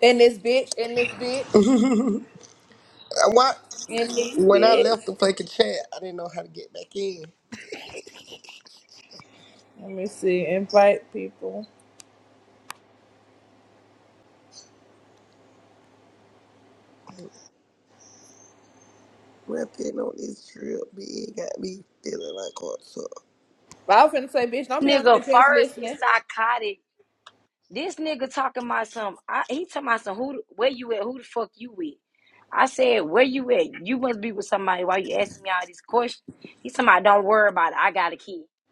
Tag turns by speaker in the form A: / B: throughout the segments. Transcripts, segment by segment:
A: In this bitch, in this bitch,
B: Why,
A: in this
B: when I
A: bitch.
B: left the fucking chat, I didn't know how to get back in.
A: Let me see. Invite people.
B: Rapping on this trip, bitch, got me feeling like what's up.
A: I was finna say, bitch, don't be on here
C: nigga
A: just
C: first is
A: listening.
C: psychotic. This nigga talking about some. I, he talking about some. Who? Where you at? Who the fuck you with? I said, where you at? You must be with somebody. Why you asking me all these questions? He talking about, don't worry about it. I got a kid.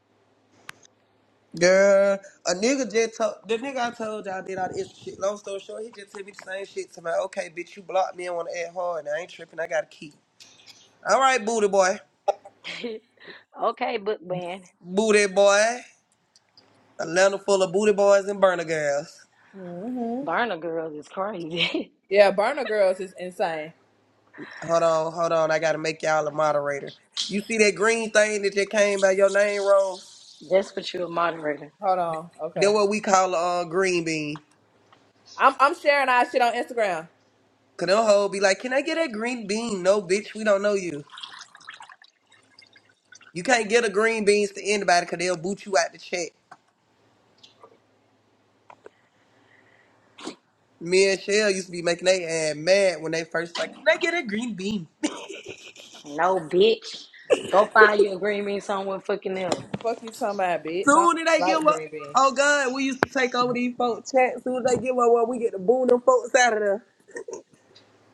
B: Girl, a nigga just told, the nigga I told shit, like, he just said, me, like, okay, bitch, you blocked me and want to add hard, got a key. All right, boy.
C: okay, book man.
B: Booty boy. Yes.
A: hmm
C: Burner girls is crazy.
A: Yeah, burner girls is insane.
B: Hold on, I got to make y'all a moderator. You see anything name Rose?
C: That's what you a moderator.
A: Hold on.
B: They're
A: Okay.
B: what we call a uh, green bean.
A: I'm I'm sharing our shit on Instagram.
B: Cause them hoe be like, can I get that green bean? No, bitch, we don't know you. You can't get a green beans to anybody because they'll boot you out the chat. Me and Shell used to be making they ass mad when they first like, can they get a green bean?
C: No, bitch. Go find your green bean somewhere fucking else.
A: Fuck you talking about, bitch. I don't
B: Soon as
A: even
B: they get
A: like
B: one,
A: green bean.
B: oh God, we used to take over these folks chat. Soon as they get one, well, we get to boon them folks out of there.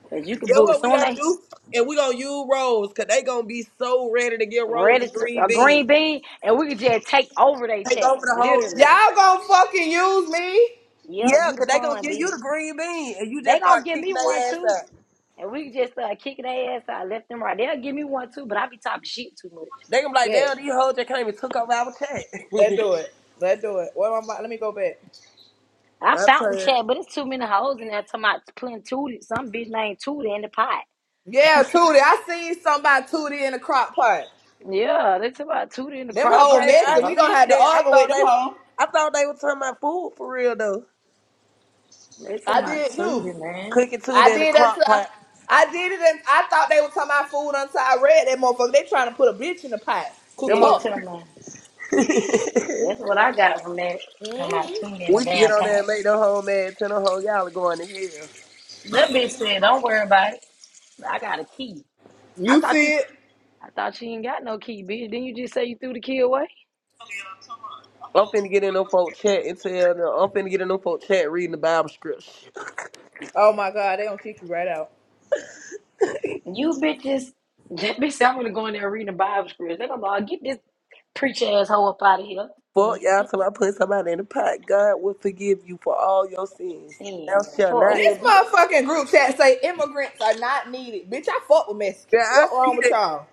C: Cause you can
B: That's
C: book
B: what we
C: soon
B: gotta
C: they
B: do. And we gonna use Rose, cause they gonna be so ready to get Rose
C: ready
B: a
C: to
B: green
C: a green
B: bean.
C: bean and we could just take over their
B: Take
C: chat.
B: over the whole
C: Literally.
B: chat.
A: Y'all gonna fucking use me?
C: Yep,
B: Yeah,
C: you the
B: cause they gonna
C: pawn,
B: give
C: bitch.
B: you the green bean and you
C: They
B: just
C: gonna
B: start
C: give me
B: kicking
C: one
B: their ass
C: too.
B: out.
C: And we can just uh, kicking their ass out left and right. They'll give me one too, but I be talking shit too much.
B: They gonna be like, damn,
A: Bet.
B: these hoes just came and took over our chat.
A: Let's do it. Let's do it. What am I? Let me go back.
C: I
B: I'm
C: fountain
B: tired.
C: chat, but it's too many hoes in there talking about playing Tootie. Some bitch named Tootie in the pot.
A: Yeah, Tootie. I seen somebody Tootie in the crock pot.
C: yeah, they talking about Tootie in the
A: Them
C: crock
A: whole
C: pot.
B: Okay,
C: It's the
A: messy.
B: I
A: We
C: bullshit.
A: gonna
B: think
A: have to
B: that. I
A: argue with
B: thought
A: them
B: they was
A: hoe.
B: I thought they were talking about food for real though.
C: They talking
A: I
C: about
A: did too.
C: Tootie, man.
B: Cooking too
A: I
B: in the
A: did until
B: crock
A: I,
B: pot.
A: I did it, and I thought they were talking about food until I read that motherfucker. They trying to put a bitch in the pot. Cook
B: Them
C: Here you
B: mother-
C: tell
A: up.
C: me.
B: we should
C: That's what I got from that.
A: hmm
C: Talking about Tootie in a
B: get
C: damn
B: on there
C: pot.
B: and make the whole man tell the whole y'all are going to hell.
C: That bitch said, don't worry about it. I got a key. I
A: You
C: thought you
A: see it?
C: I thought she ain't got no key, bitch. Didn't you just say you threw the key away?
B: I'm finna get in them folk chat and tell them I'm finna get in them folk chat reading the Bible scripture.
A: Oh my god, they gonna kick you right out.
C: You bitches, that bitch, said, I'm gonna go in there reading the Bible scripts. They're gonna be like, get this preach asshole up out of here.
B: Fuck y'all till I put somebody in the pot. God will forgive you for all your sins. Thou
C: Sins.
B: shall
C: Fuck
B: not.
A: This
C: nigga.
A: motherfucking group chat say immigrants are not needed. Bitch, I fuck with
B: Yeah,
A: Mexicans.
B: I
A: Fuck wrong
B: see
A: with
B: that.
A: y'all.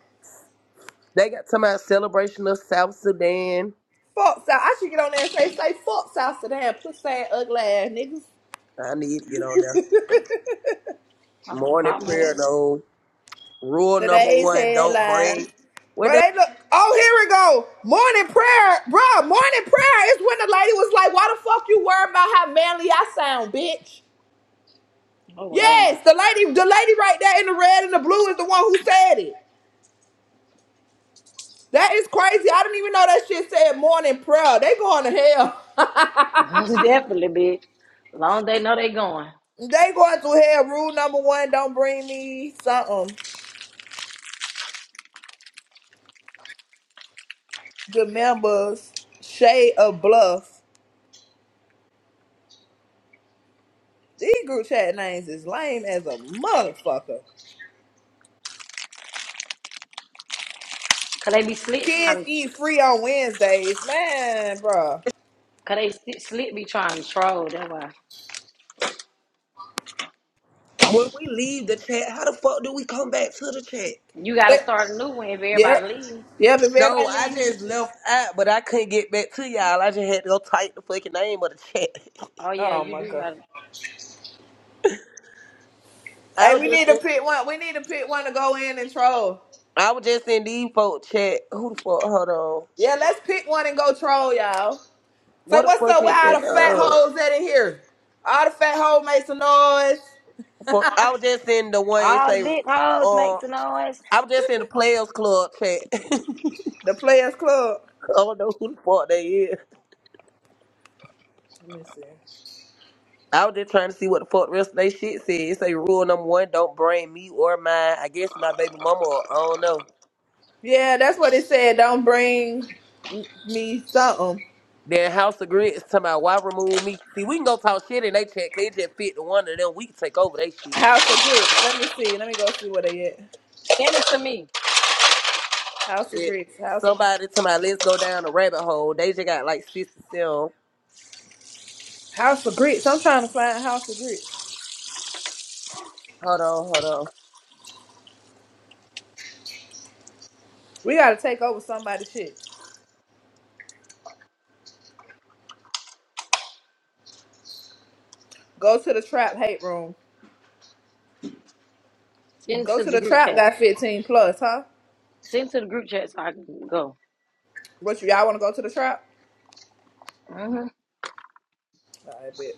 B: They got talking about celebration of South Sudan.
A: Fuck South. I should get on there and say, say fuck South Sudan, pussy ass, ugly ass niggas.
B: I need to get on there.
C: I'm gonna
B: Morning
C: pop my ass.
B: prayer though. Rule number
A: Today's
B: one: Don't bring.
A: headline.
B: When
A: Bro,
B: they,
A: they look. Oh, here we go. Morning prayer, bro. Morning prayer is when the lady was like, "Why the fuck you worry about how manly I sound, bitch?"
C: Oh wow.
A: Yes, the lady, the lady right there in the red and the blue is the one who said it. That is crazy. I didn't even know that shit said morning prayer. They going to hell.
C: Most definitely, bitch. Long as they know they going.
A: they going to hell. Rule number one: Don't bring me something. The members shade of bluff. These group chat names is lame as a motherfucker.
C: Cause they be slick
A: Kids
C: trying to,
A: eat free on Wednesdays, man, bro.
C: cause they sli- slick be trying to troll, that's why.
B: when we leave the chat, how the fuck do we come back to the chat?
C: You gotta
A: But,
C: start a new one if everybody
A: yep,
C: leave.
A: yep. If
B: No,
A: everybody
B: I just
A: needs,
B: left out, but I couldn't get back to y'all. I just had to go type the fucking name of the chat.
C: Oh yeah,
A: oh
C: you
A: my
C: do
A: god.
C: gotta
B: I
A: Hey,
B: was
A: we
B: just,
A: need to
B: in,
A: pick one. We need to pick one to go in and troll.
B: I was just in these folk chat. Who the fuck? Hold on.
A: Yeah, let's pick one and go troll, y'all. Say
B: What the
A: what's
B: fuck
A: up with
B: is
A: all
B: that?
A: the fat
B: Uh,
A: hoes that in here? All the fat hoes make some noise.
B: fuck, I was just in the one. It
C: all the
B: say,
C: big hoes
B: uh,
C: makes a noise.
B: I was just in the Players Club chat. I
A: The Players Club.
B: don't know who the fuck they is.
A: Let me see.
B: I was just trying to see what the fuck the rest of they shit said. It say rule number one, don't bring me or mine. I guess my baby mama or I don't know.
A: Yeah, that's what it said. Don't bring me something.
B: Then House of Grits talking about why remove me. See, we can go talk shit in they chat, cause it just fit to one of them. We can take over they shit.
A: House of Grits. Let me see. Let me go see where they at.
C: Send it to me.
A: House of
B: Let
A: Grits. House of Grits.
B: somebody to my let's go down the rabbit hole. They just got like six to seven.
A: House of Grits. I'm trying to find House of Grits.
B: Hold on, hold on.
A: We gotta take over somebody's shit. Go to the trap hate room.
C: Send it
A: Go
C: to
A: to
C: the
A: the
C: group
A: trap.
C: chat.
A: Got 15 plus, huh?
C: Send to the group chat so I can go.
A: What you y'all want to go to the trap?
C: hmm
A: I bet.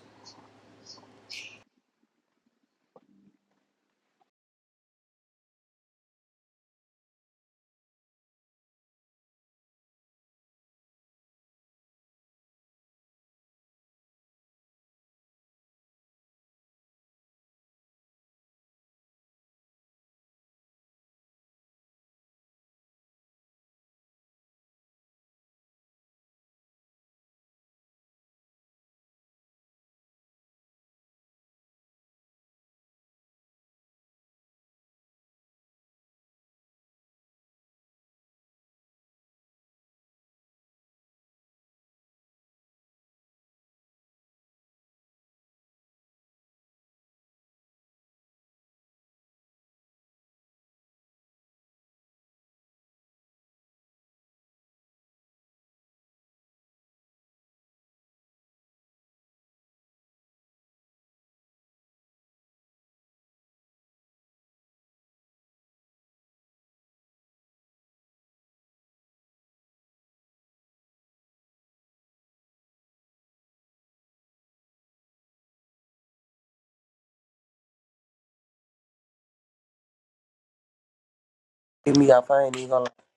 B: Give me off, I ain't even gonna lie.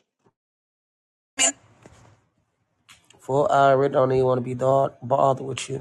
B: Full I already don't even wanna be dog bothered with you.